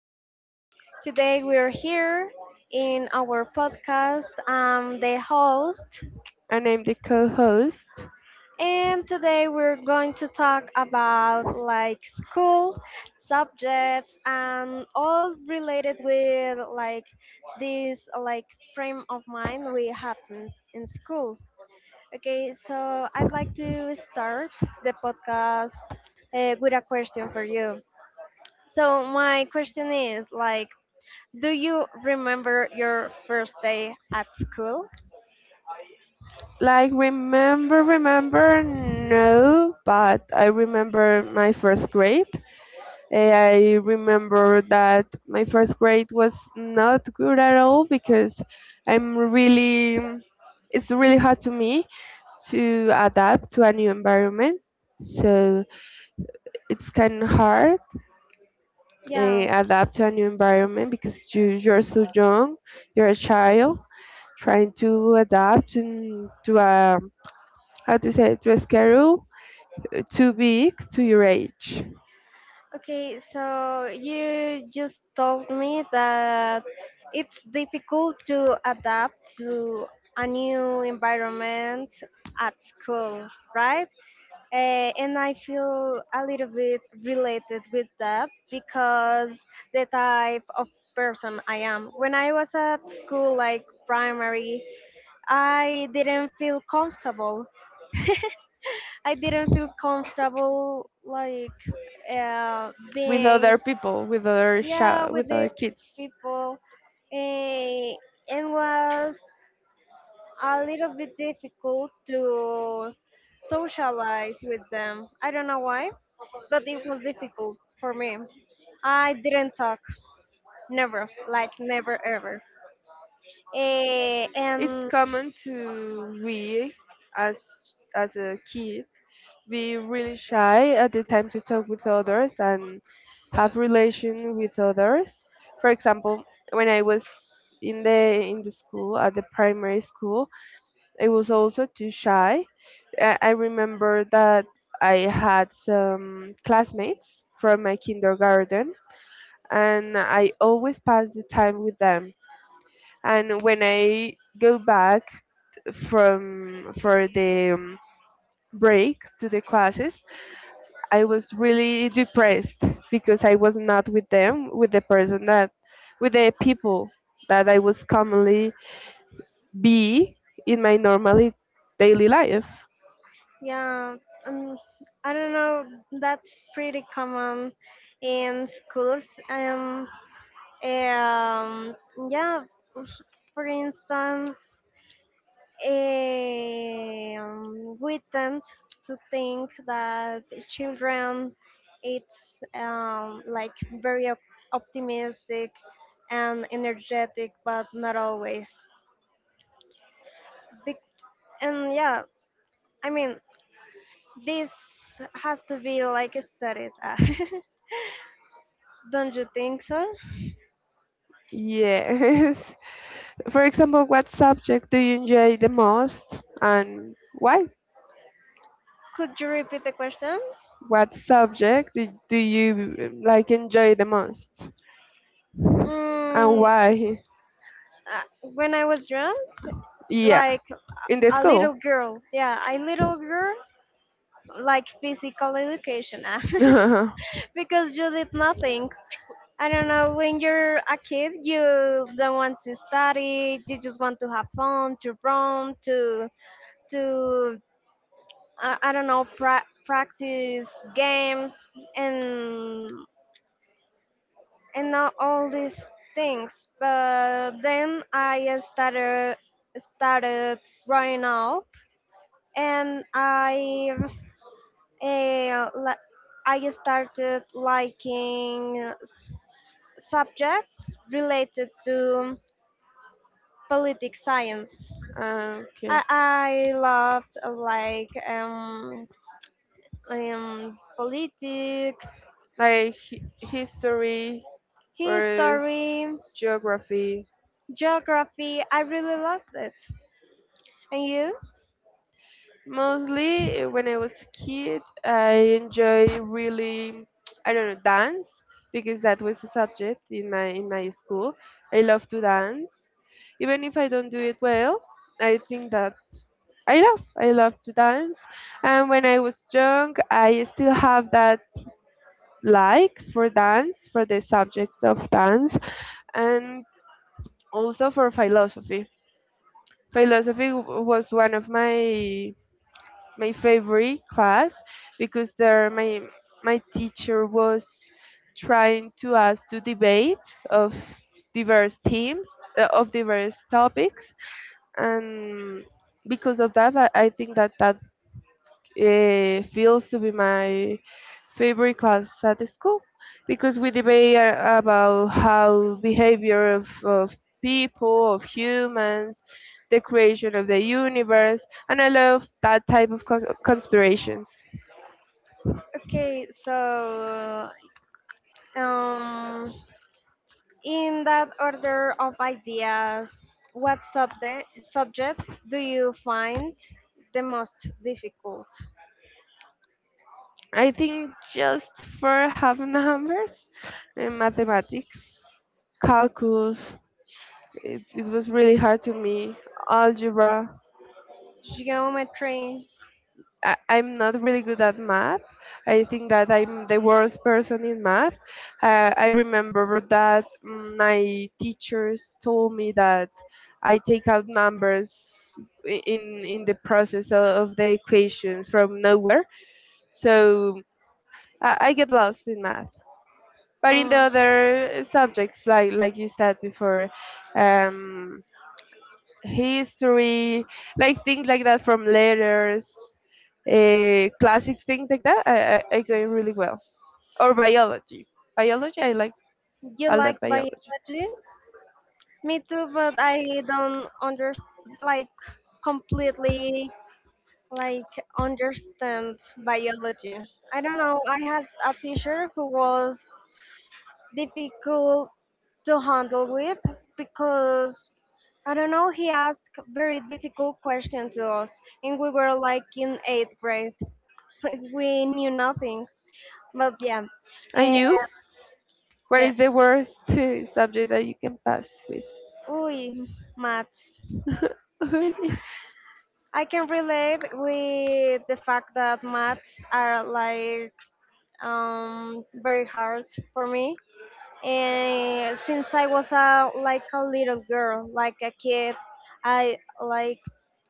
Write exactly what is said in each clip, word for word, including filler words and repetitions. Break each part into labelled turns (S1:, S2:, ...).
S1: Uh, today we're here in our podcast. I'm the host,
S2: And I'm the co-host.
S1: and today we're going to talk about like school subjects and all related with like this like frame of mind we have in, in school. Okay, so I'd like to start the podcast uh, with a question for you. So my question is like, do you remember your first day at school?
S2: Like remember, remember, no, but I remember my first grade. Eh, I remember that my first grade was not good at all because I'm really, it's really hard to me to adapt to a new environment. So it's kind of hard eh,
S1: Yeah.
S2: adapt to a new environment because you you're so young, you're a child trying to adapt and to a how to say to schedule uh, too big to your age
S1: Okay, so you just told me that it's difficult to adapt to a new environment at school, right? Uh, and I feel a little bit related with that because the type of person I am. When I was at school, like primary, I didn't feel comfortable I didn't feel comfortable like uh,
S2: with
S1: being,
S2: other people with other sh
S1: yeah, with
S2: with
S1: the
S2: other kids.
S1: people, and it was a little bit difficult to socialize with them. I don't know why, but it was difficult for me. I didn't talk, never, like never ever. Eh,
S2: It's
S1: and
S2: common to we as as a kid be really shy at the time to talk with others and have relation with others. For example, when I was in the in the school at the primary school, I was also too shy. I, I remember that I had some classmates from my kindergarten, and I always passed the time with them. And when I go back from for the um, break to the classes, I was really depressed because I was not with them, with the person that, with the people that I was commonly be in my normally daily life.
S1: yeah, um, I don't know, that's pretty common in schools. Um, Um, yeah, for instance, um, we tend to think that children it's um, like very op- optimistic and energetic, but not always. Be- and yeah, I mean this has to be like studied. Don't you think so?
S2: Yes. For example, what subject do you enjoy the most and why?
S1: Could you repeat the question?
S2: What subject do do you uh, like enjoy the most and
S1: Mm, uh,
S2: why?
S1: when I was young,
S2: Yeah,
S1: like
S2: in the
S1: a
S2: school.
S1: little girl, yeah, a little girl, like physical education, ah. Because you did nothing. I don't know, when you're a kid, you don't want to study, you just want to have fun, to run, to to i, I don't know, pra- practice games, and and not all these things. But then I started started growing up, and i Eh, li- I started liking s- subjects related to politics science.
S2: Okay.
S1: I, I loved uh, like um, um, politics,
S2: Like hi- history or
S1: history,
S2: geography.
S1: geography. I really loved it. And you?
S2: Mostly uh, when I was kid, I enjoy really, I don't know, dance because that was a subject in my in my school. I love to dance, even if I don't do it well. I think that I love I love to dance, and when I was young, I still have that like for dance for the subject of dance, and also for philosophy. Philosophy w- was one of my my favorite class because there my my teacher was trying to us to debate of diverse themes uh, of diverse topics and because of that I I think that that uh, feels to be my favorite class at school because we debate uh, about how behavior of, of people, of humans, the creation of the universe, and I love that type of cons- conspirations.
S1: Okay, so um, in that order of ideas, what subject, subject do you find the most difficult?
S2: I think just for having numbers in mathematics, calculus, it, it was really hard to me, algebra.
S1: Geometry.
S2: I, I'm not really good at math. I think that I'm the worst person in math. Uh, I remember that mm, my teachers told me that I take out numbers i- in in the process of, of the equation from nowhere. So I, I get lost in math. But in the
S1: Uh,
S2: other subjects, like like you said before, um, history, like things like that from letters, uh, classic things like that. I, I, I go really well. Or biology. Biology, I like
S1: You
S2: all
S1: like
S2: that biology.
S1: biology? Me too, but I don't under like completely like understand biology. I don't know. I had a teacher who was difficult to handle with because I don't know, he asked very difficult questions to us, and we were like in eighth grade. We knew nothing. But yeah,
S2: And
S1: eh,
S2: you? What
S1: yeah.
S2: is the worst uh, subject that you can pass with?
S1: Uy, maths. I can relate with the fact that maths are like um, very hard for me. And since I was a like a little girl, like a kid, I like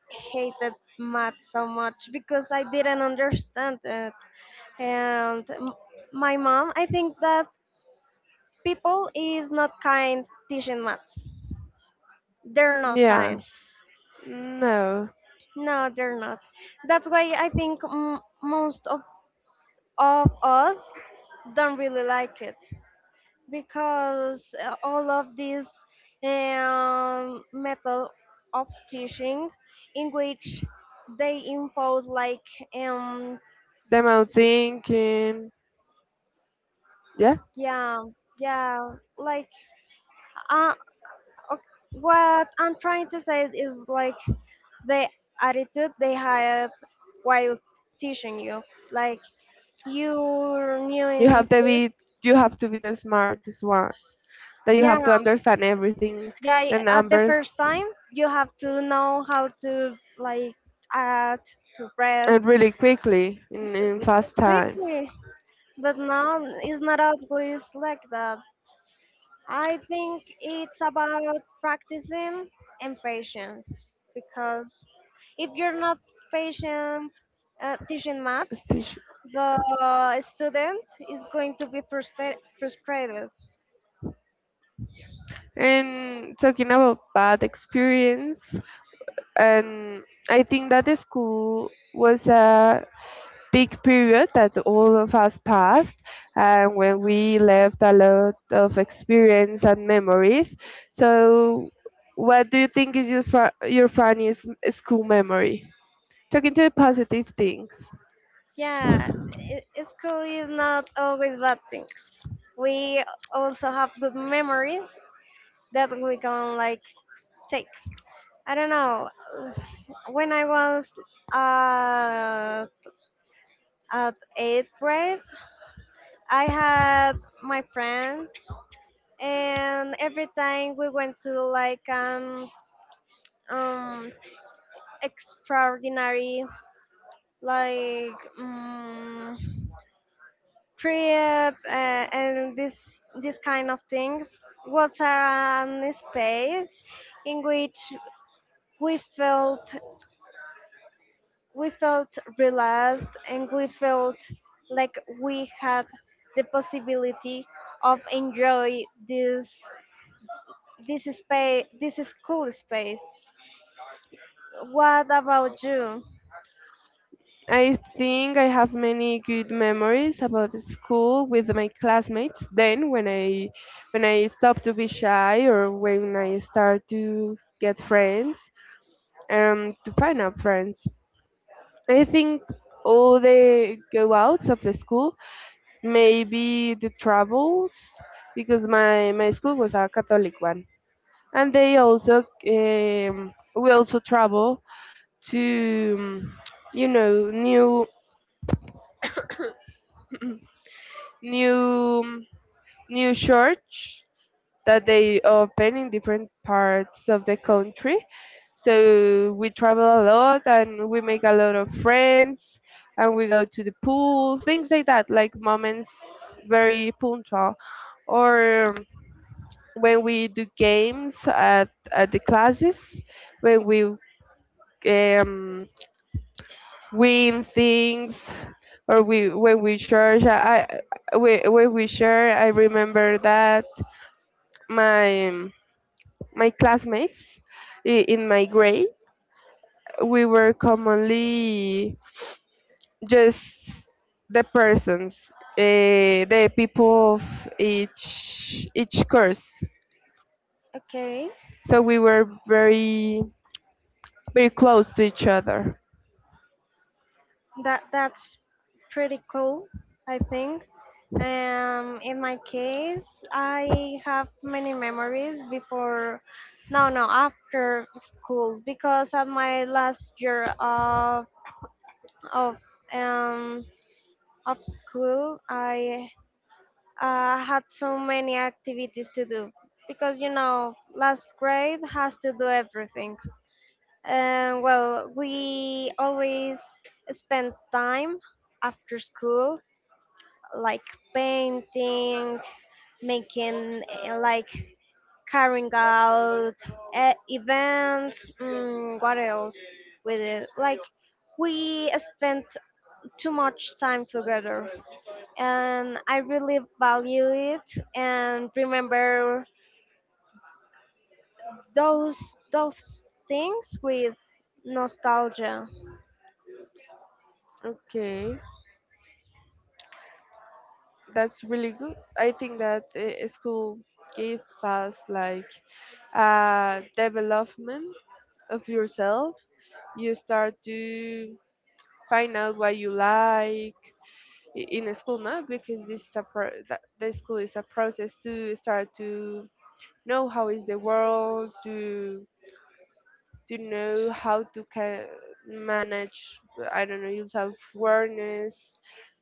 S1: hated math so much because I didn't understand it. And m- my mom, I think that people is not kind teaching maths. They're not
S2: Yeah.
S1: kind.
S2: No,
S1: No, they're not. That's why I think m- most of, of us don't really like it because uh, all of this um, method of teaching in which they impose like um,
S2: the amount thinking. Yeah,
S1: Yeah, yeah. Like, uh, ok- what I'm trying to say is like the attitude they had while teaching you. Like, you're new
S2: you
S1: in,
S2: have to
S1: this-
S2: be you have to be the smartest one. That you
S1: yeah,
S2: have to understand everything,
S1: yeah. y-
S2: the
S1: At the
S2: numbers,
S1: first time, you have to know how to like add to press
S2: and really quickly in, in
S1: with-
S2: fast time.
S1: quickly. But now it's not always like that. I think it's about practicing and patience because if you're not patient uh, teaching maths,
S2: Stitch.
S1: the student is going to be frustra- frustrated.
S2: And talking about bad experience, and I think that the school was a big period that all of us passed and when we left a lot of experience and memories. So, what do you think is your, fr- your funniest school memory? Talking to the positive things.
S1: Yeah, i- i- school is not always bad things. We also have good memories that we can like take. I don't know. When I was uh, at eighth grade, I had my friends, and every time we went to like an um, extraordinary like um, trip uh, and this this kind of things was an space in which we felt we felt relaxed, and we felt like we had the possibility of enjoy this. This is space, this is cool space. What about you?
S2: I think I have many good memories about the school with my classmates. Then, when I when I stopped to be shy or when I start to get friends, um, to find out friends. I think all the go outs of the school, maybe the travels, because my my school was a Catholic one, and they also um, we also travel to um, you know new new new church that they open in different parts of the country. So we travel a lot and we make a lot of friends and we go to the pool, things like that, like moments very punctual. Or um, when we do games at, at the classes, when we um, win things or we when we share, I, I- when when we share, I remember that my My classmates i- in my grade, we were commonly just the persons, uh, the people of each each course.
S1: Okay,
S2: So we were very very close to each other.
S1: that that's pretty cool, I think. Um, in my case, I have many memories before, no, no, after school because at my last year of of um of school, I uh, had so many activities to do because you know last grade has to do everything. And well, we always spend time after school, like painting, making uh, like carrying out uh, events. Mm, what else with it? Like we spent too much time together, and I really value it and remember those those things with nostalgia.
S2: Okay, that's really good. I think that uh, school gave us like uh, development of yourself. You start to find out what you like, i- in a school now because this is a pro- that the school is a process to start to know how is the world to to know how to ca- manage I don't know your self awareness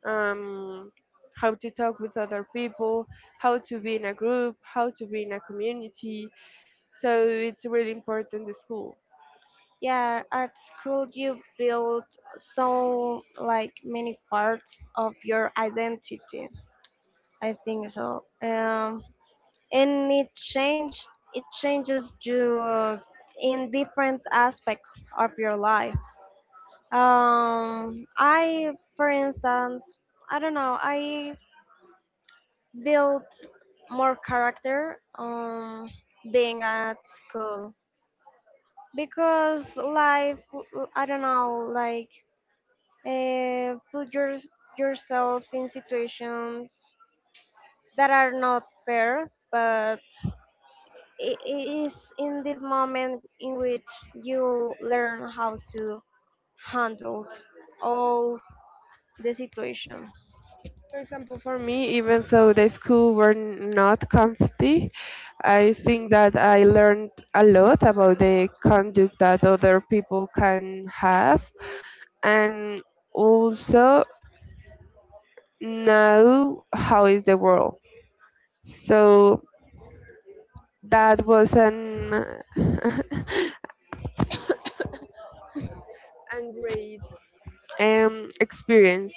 S2: um how to talk with other people, how to be in a group, how to be in a community, so it's really important the school.
S1: Yeah, at school you build so like many parts of your identity. I think so. Um, and it changed. It changes you in different aspects of your life. Um, I, for instance, I don't know. I built more character um being at school because life. I don't know, like uh, put your, yourself in situations that are not fair, but it, it is in this moment in which you learn how to handle all the situation.
S2: For example, for me, even though the school were not comfy, I think that I learned a lot about the conduct that other people can have, and also know how is the world. So that was an a great um, experience.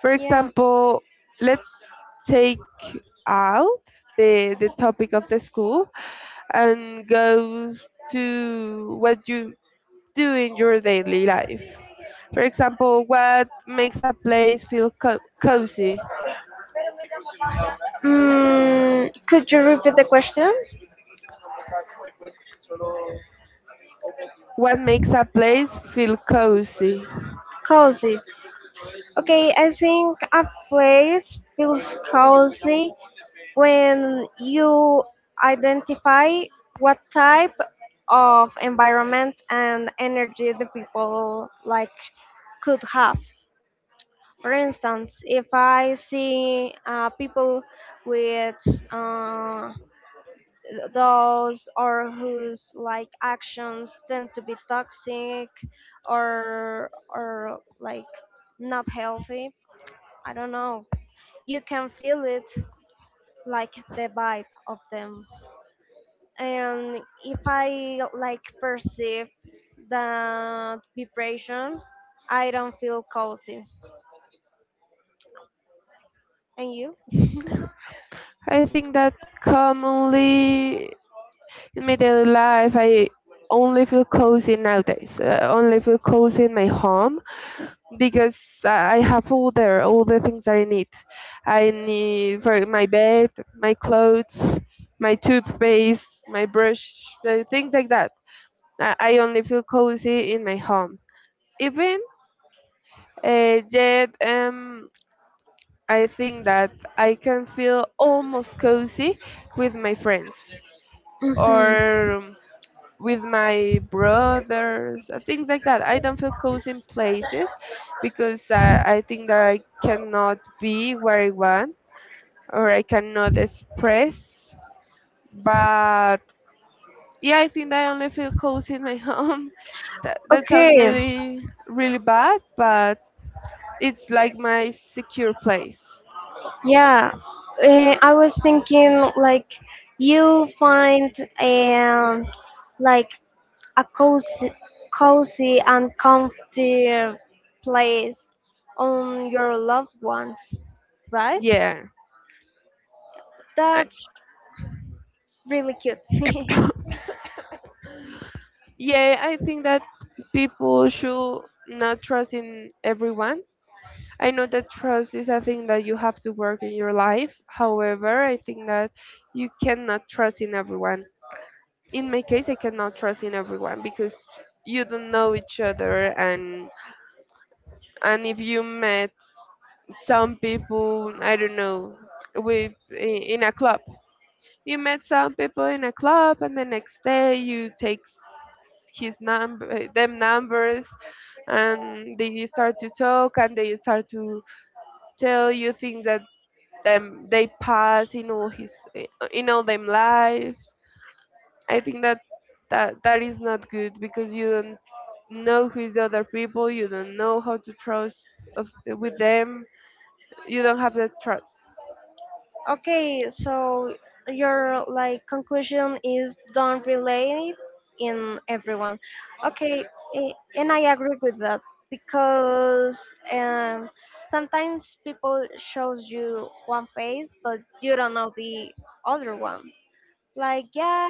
S2: For
S1: Yeah.
S2: example, let's take out the the topic of the school and go to what you do in your daily life. For example, what makes a place feel co- cozy?
S1: Mm, could you repeat the question?
S2: What makes a place feel cozy?
S1: Cozy. Okay, I think a place feels cozy when you identify what type of environment and energy the people like could have. For instance, if I see uh, people with uh, those or whose like actions tend to be toxic, or or like not healthy. I don't know, you can feel it, like the vibe of them, and if I like perceive that vibration, I don't feel cozy. And you?
S2: I think that commonly in my daily life, I only feel cozy nowadays. I only feel cozy in my home because I I have all the all the things that I need. I need for my bed, my clothes, my toothpaste, my brush, uh, things like that. I, I only feel cozy in my home. Even uh, yet, um, I think that I can feel almost cozy with my friends
S1: Hmm.
S2: or with my brothers, uh, things like that. I don't feel cozy in places because I, I think that I cannot be where I want or I cannot express. But yeah, I think that I only feel cozy in my home. That, that sounds
S1: Okay,
S2: really, really bad, but it's like my secure place.
S1: yeah. Uh, I was thinking like you find um like a cozy, cozy and comfy place on your loved ones, right?
S2: Yeah. I,
S1: That's really cute.
S2: yeah, I think that people should not trust in everyone. I know that trust is a thing that you have to work in your life. However, I think that you cannot trust in everyone. In my case, I cannot trust in everyone because you don't know each other, and and if you met some people, I don't know, with i- in a club. You met some people in a club and the next day you take his number them numbers, and they start to talk and they start to tell you things that them they pass in all his in all them lives. I think that that that is not good because you don't know who is the other people, you don't know how to trust of, with them, you don't have that trust.
S1: Okay, so your like conclusion is don't relate in everyone. Okay, a- and I agree with that because um, sometimes people shows you one face but you don't know the other one. Like yeah,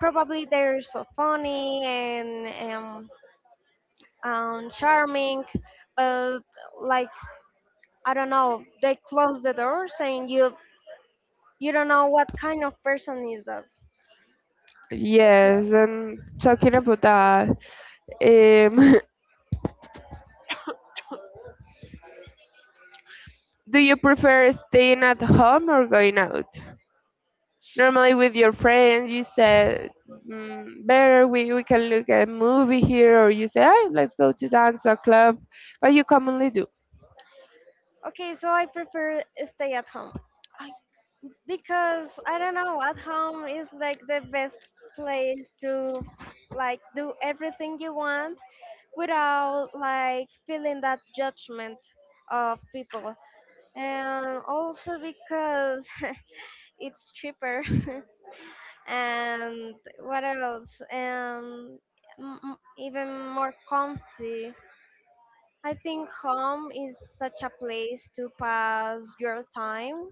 S1: probably they're so funny and um, um charming, but like I don't know, they close the doors and you You don't know what kind of person is that.
S2: Yes, and talking about that um do you prefer staying at home or going out? Normally, with your friends, you said, mm, better we, we can look at a movie here, or you say, "Ah, let's go to dance or club," but you commonly do.
S1: Okay, so I prefer stay at home because I don't know, at home is like the best place to like do everything you want without like feeling that judgment of people. And also because it's cheaper. And what else? Um m- m- even more comfy. I think home is such a place to pass your time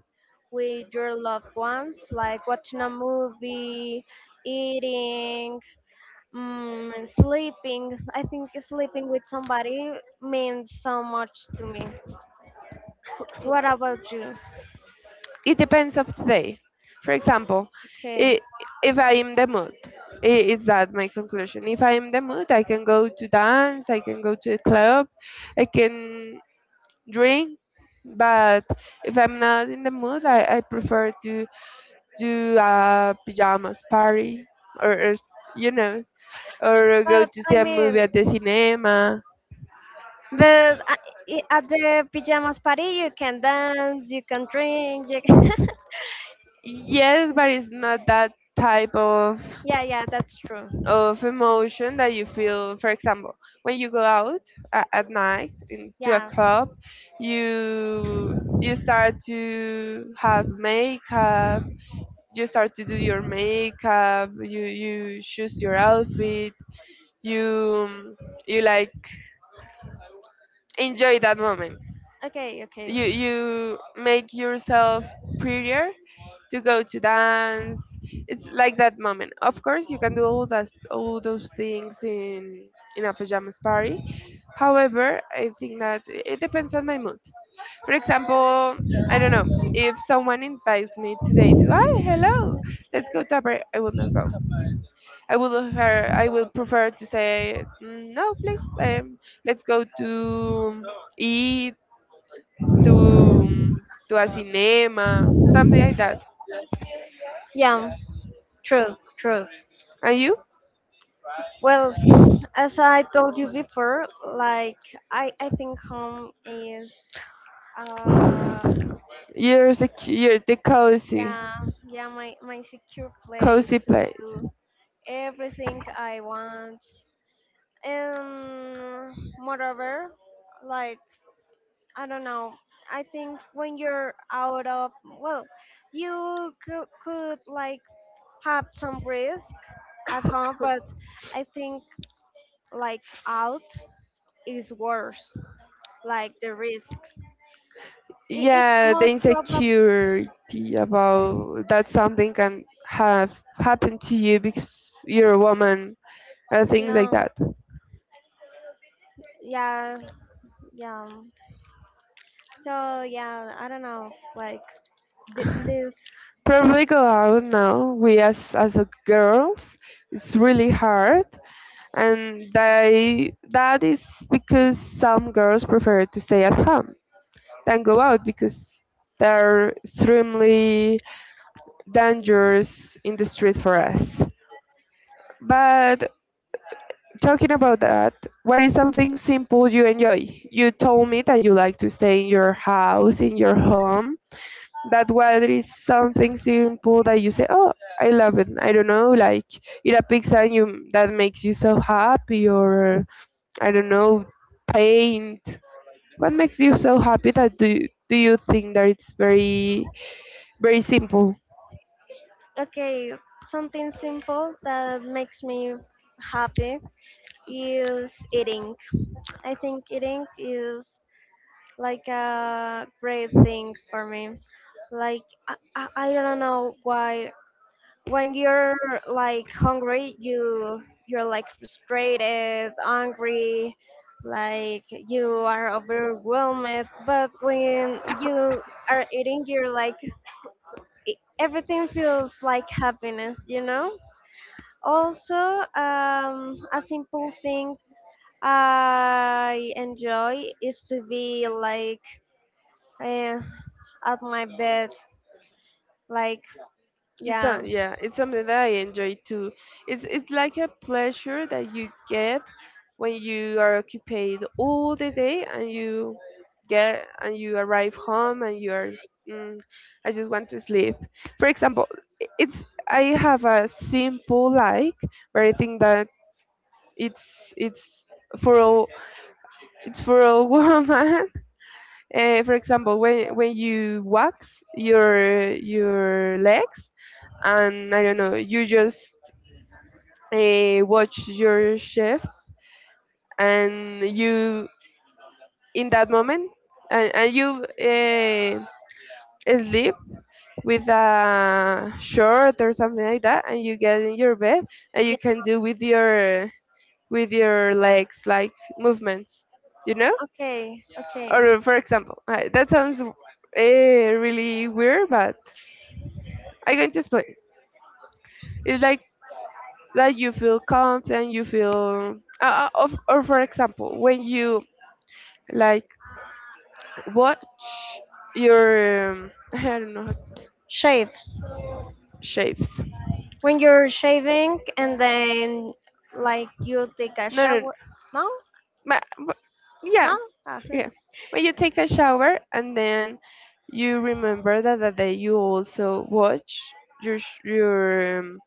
S1: with your loved ones, like watching a movie, eating, mm, and sleeping. I think sleeping with somebody means so much to me. What about you?
S2: It depends of the day. For example,
S1: Okay.
S2: I if I am the mood, i- is that my conclusion? If I am the mood, I can go to dance, I can go to a club, I can drink, but if I'm not in the mood, I, I prefer to do a pajamas party, or, or s- you know, or go
S1: But
S2: to
S1: I
S2: see a movie
S1: mean,
S2: at the cinema.
S1: but uh, i- at the pajamas party, you can dance, you can drink. You can
S2: Yes, but it's not that type of
S1: yeah, yeah, that's true.
S2: of emotion that you feel. For example, when you go out a- at night in, to a
S1: Yeah.
S2: club, you you start to have makeup. You start to do your makeup. You you choose your outfit. You you like enjoy that moment,
S1: Okay, okay.
S2: you you make yourself prettier to go to dance. It's like that moment. Of course you can do all that all those things in in a pajamas party. However, I think that it depends on my mood. For example, I don't know, if someone invites me today to hi, hello, let's go to a party, I will not go. I will her i will prefer to say, "Mm, no please, um, let's go to eat, to to a cinema, something like that."
S1: Yeah. True, true.
S2: And you?
S1: Well, as I told you before, like I, I think home is uh
S2: You're the you're the cozy,
S1: yeah, yeah, my my secure place
S2: cozy
S1: to
S2: place.
S1: do everything I want. And moreover, like I don't know, I think when you're out of well, you could, could like have some risk at home, but I think like out is worse, like the risks. It, it's
S2: Yeah, the
S1: most probably,
S2: insecurity about that something can have happened to you because you're a woman and things like
S1: yeah,
S2: that.
S1: yeah, yeah. So yeah, I don't know, like th- this.
S2: Probably go out now. We as as a girls, it's really hard, and they, that is because some girls prefer to stay at home than go out because they're extremely dangerous in the street for us. But talking about that, what is something simple you enjoy? You told me that you like to stay in your house, in your home. That what is something simple that you say, oh, I love it. I don't know, like eat a pizza and you that makes you so happy, or I don't know, paint. What makes you so happy? That do do you think that it's very Very simple?
S1: Okay, something simple that makes me happy is eating. I think eating is like a great thing for me. Like I, I, I don't know why when you're like hungry you you're like frustrated angry, like you are overwhelmed, but when you are eating you're like e- everything feels like happiness you know Also, um a simple thing I enjoy is to be like, eh, at my bed, like,
S2: It's a,
S1: yeah.
S2: yeah, it's something that I enjoy too. It's it's like a pleasure that you get when you are occupied all the day and you get and you arrive home and you are mm, I just want to sleep. For example, i- it's I have a simple like, but I think that it's it's for all it's for all woman. Uh, for example, when when you wax your your legs and I don't know, you just uh, watch your chefs and you in that moment and, and you uh, sleep with a shirt or something like that and you get in your bed and you can do with your with your legs like movements you know.
S1: Okay, okay.
S2: Or for example uh, that sounds uh, really weird but I'm going to explain. It's like that you feel content, you feel, uh, uh, of, or for example, when you like watch your, um, I don't know, how to-
S1: Shave.
S2: shapes.
S1: When you're shaving and then like you take a
S2: No, no,
S1: shower. No,
S2: but, but
S1: no.
S2: yeah,
S1: Ah,
S2: yeah. When you take a shower and then you remember that the day you also watch your sh- your um,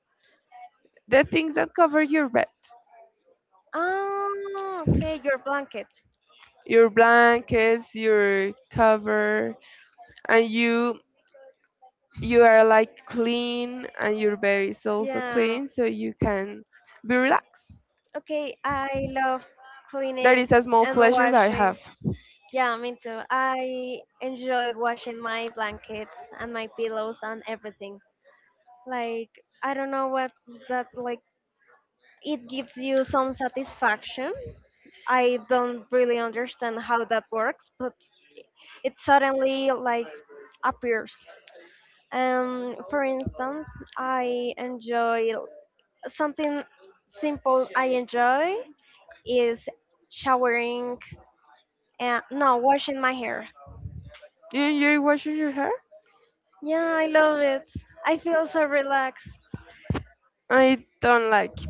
S2: the things that cover your bed,
S1: oh, okay. Your blanket.
S2: your blankets, your cover, and you you are like clean and your bed is also
S1: Yeah.
S2: clean so you can be relaxed.
S1: Okay, I love
S2: That
S1: cleaning
S2: is a small
S1: and
S2: pleasure that I
S1: washing.
S2: have.
S1: Yeah, me too. I enjoy washing my blankets and my pillows and everything. Like I don't know what's that like. It gives you some satisfaction. I don't really understand how that works, but it suddenly like appears. Um, for instance, I enjoy something simple. I enjoy is showering and no washing my hair.
S2: You enjoy washing your hair.
S1: Yeah, I love it. I feel so relaxed.
S2: I don't like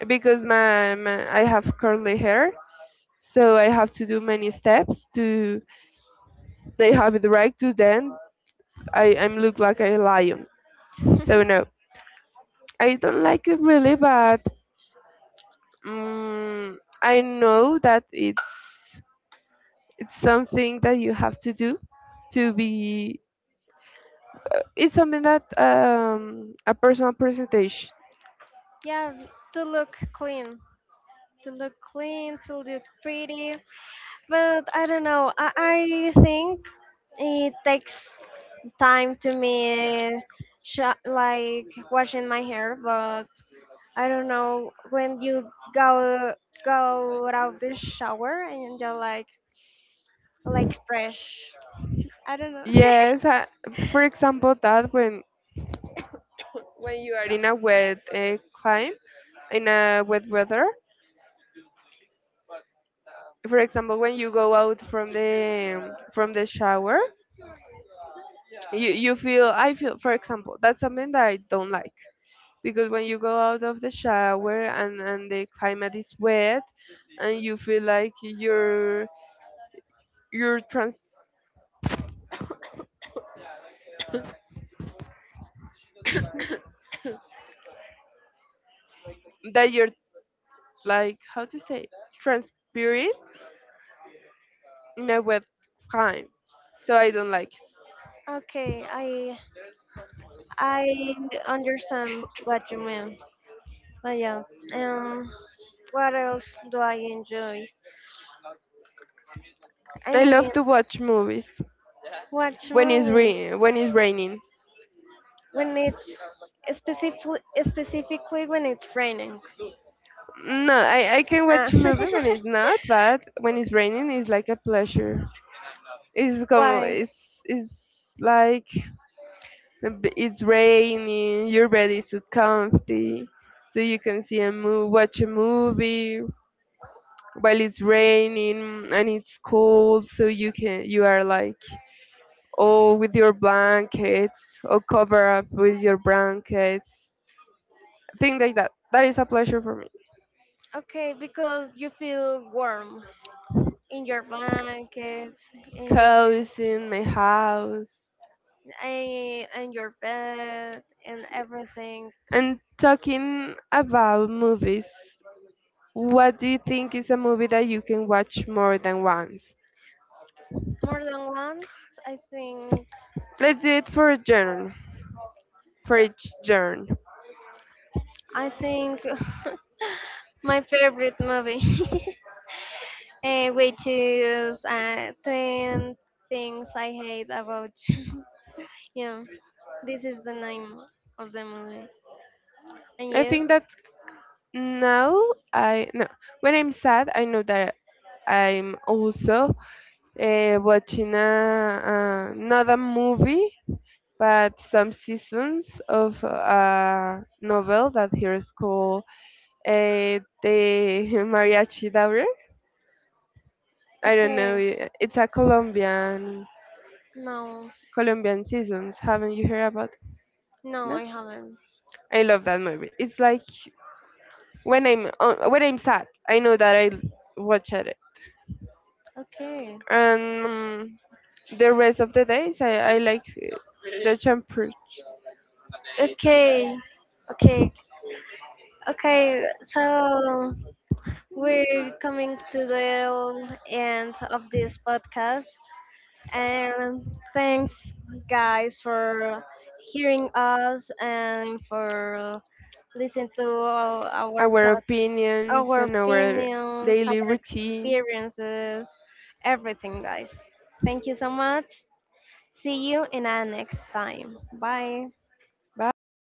S2: it because my, my I have curly hair, so I have to do many steps to they have it right to then i i look like a lion, so no, I don't like it really, but um, I know that it's it's something that you have to do to be. It's something that um, a personal presentation.
S1: Yeah, to look clean, to look clean, to look pretty. But I don't know. I, I think it takes time to me, sho- like washing my hair, but I don't know when you go go out of the shower and you're like like fresh. I don't know.
S2: Yes, uh, for example, that when when you are in a wet uh, climb, in a wet weather, for example, when you go out from the from the shower, you you feel I feel for example that's something that I don't like because when you go out of the shower and and the climate is wet, and you feel like you're you're trans that you're like how to say transpiring. No, a time, so I don't like it.
S1: Okay, I I understand what you mean. But yeah, um, what else do I enjoy? I
S2: I love
S1: mean,
S2: to watch movies
S1: watch
S2: when it's
S1: movies
S2: re- when it's raining.
S1: when it's specifically specifically when it's raining.
S2: No, I, I can
S1: Ah.
S2: watch a movie when it's not, but when it's raining, it's like a pleasure. It's come
S1: Why?
S2: it's it's like a b- it's raining. Your bed is so comfy, so you can see a move, watch a movie while it's raining and it's cold. So you can you are like or with your blankets, or cover up with your blankets, things like that. That is a pleasure for me.
S1: Okay, because you feel warm in your blanket and you feel
S2: Cozy in my house.
S1: and, and your bed and everything.
S2: And talking about movies, what do you think is a movie that you can watch more than once?
S1: More than once, I think
S2: Let's do it for a genre, for each genre.
S1: i think my favorite movie eh, which is uh, ten things I hate about you. Yeah, this is the name of the movie. And
S2: I
S1: you?
S2: think that now I no when I'm sad, I know that I'm also uh, watching a, another movie but some seasons of a novel that here is called uh, the Mariachi Diary. I don't
S1: Okay,
S2: know. i- It's a Colombian
S1: no,
S2: Colombian seasons. Haven't you heard about?
S1: no,
S2: No,
S1: I haven't.
S2: I love that movie. It's like when I'm uh, when I'm sad, I know that I watch it,
S1: Okay,
S2: and um, the rest of the days I, I like uh, judge and preach
S1: okay, okay, okay, so we're coming to the end of this podcast, and thanks, guys, for hearing us and for listening to our our,
S2: our
S1: pod-
S2: opinions
S1: our
S2: and our
S1: opinions,
S2: daily
S1: our
S2: routines.
S1: experiences, everything, guys. Thank you so much. See you in our next time. Bye.
S2: Bye.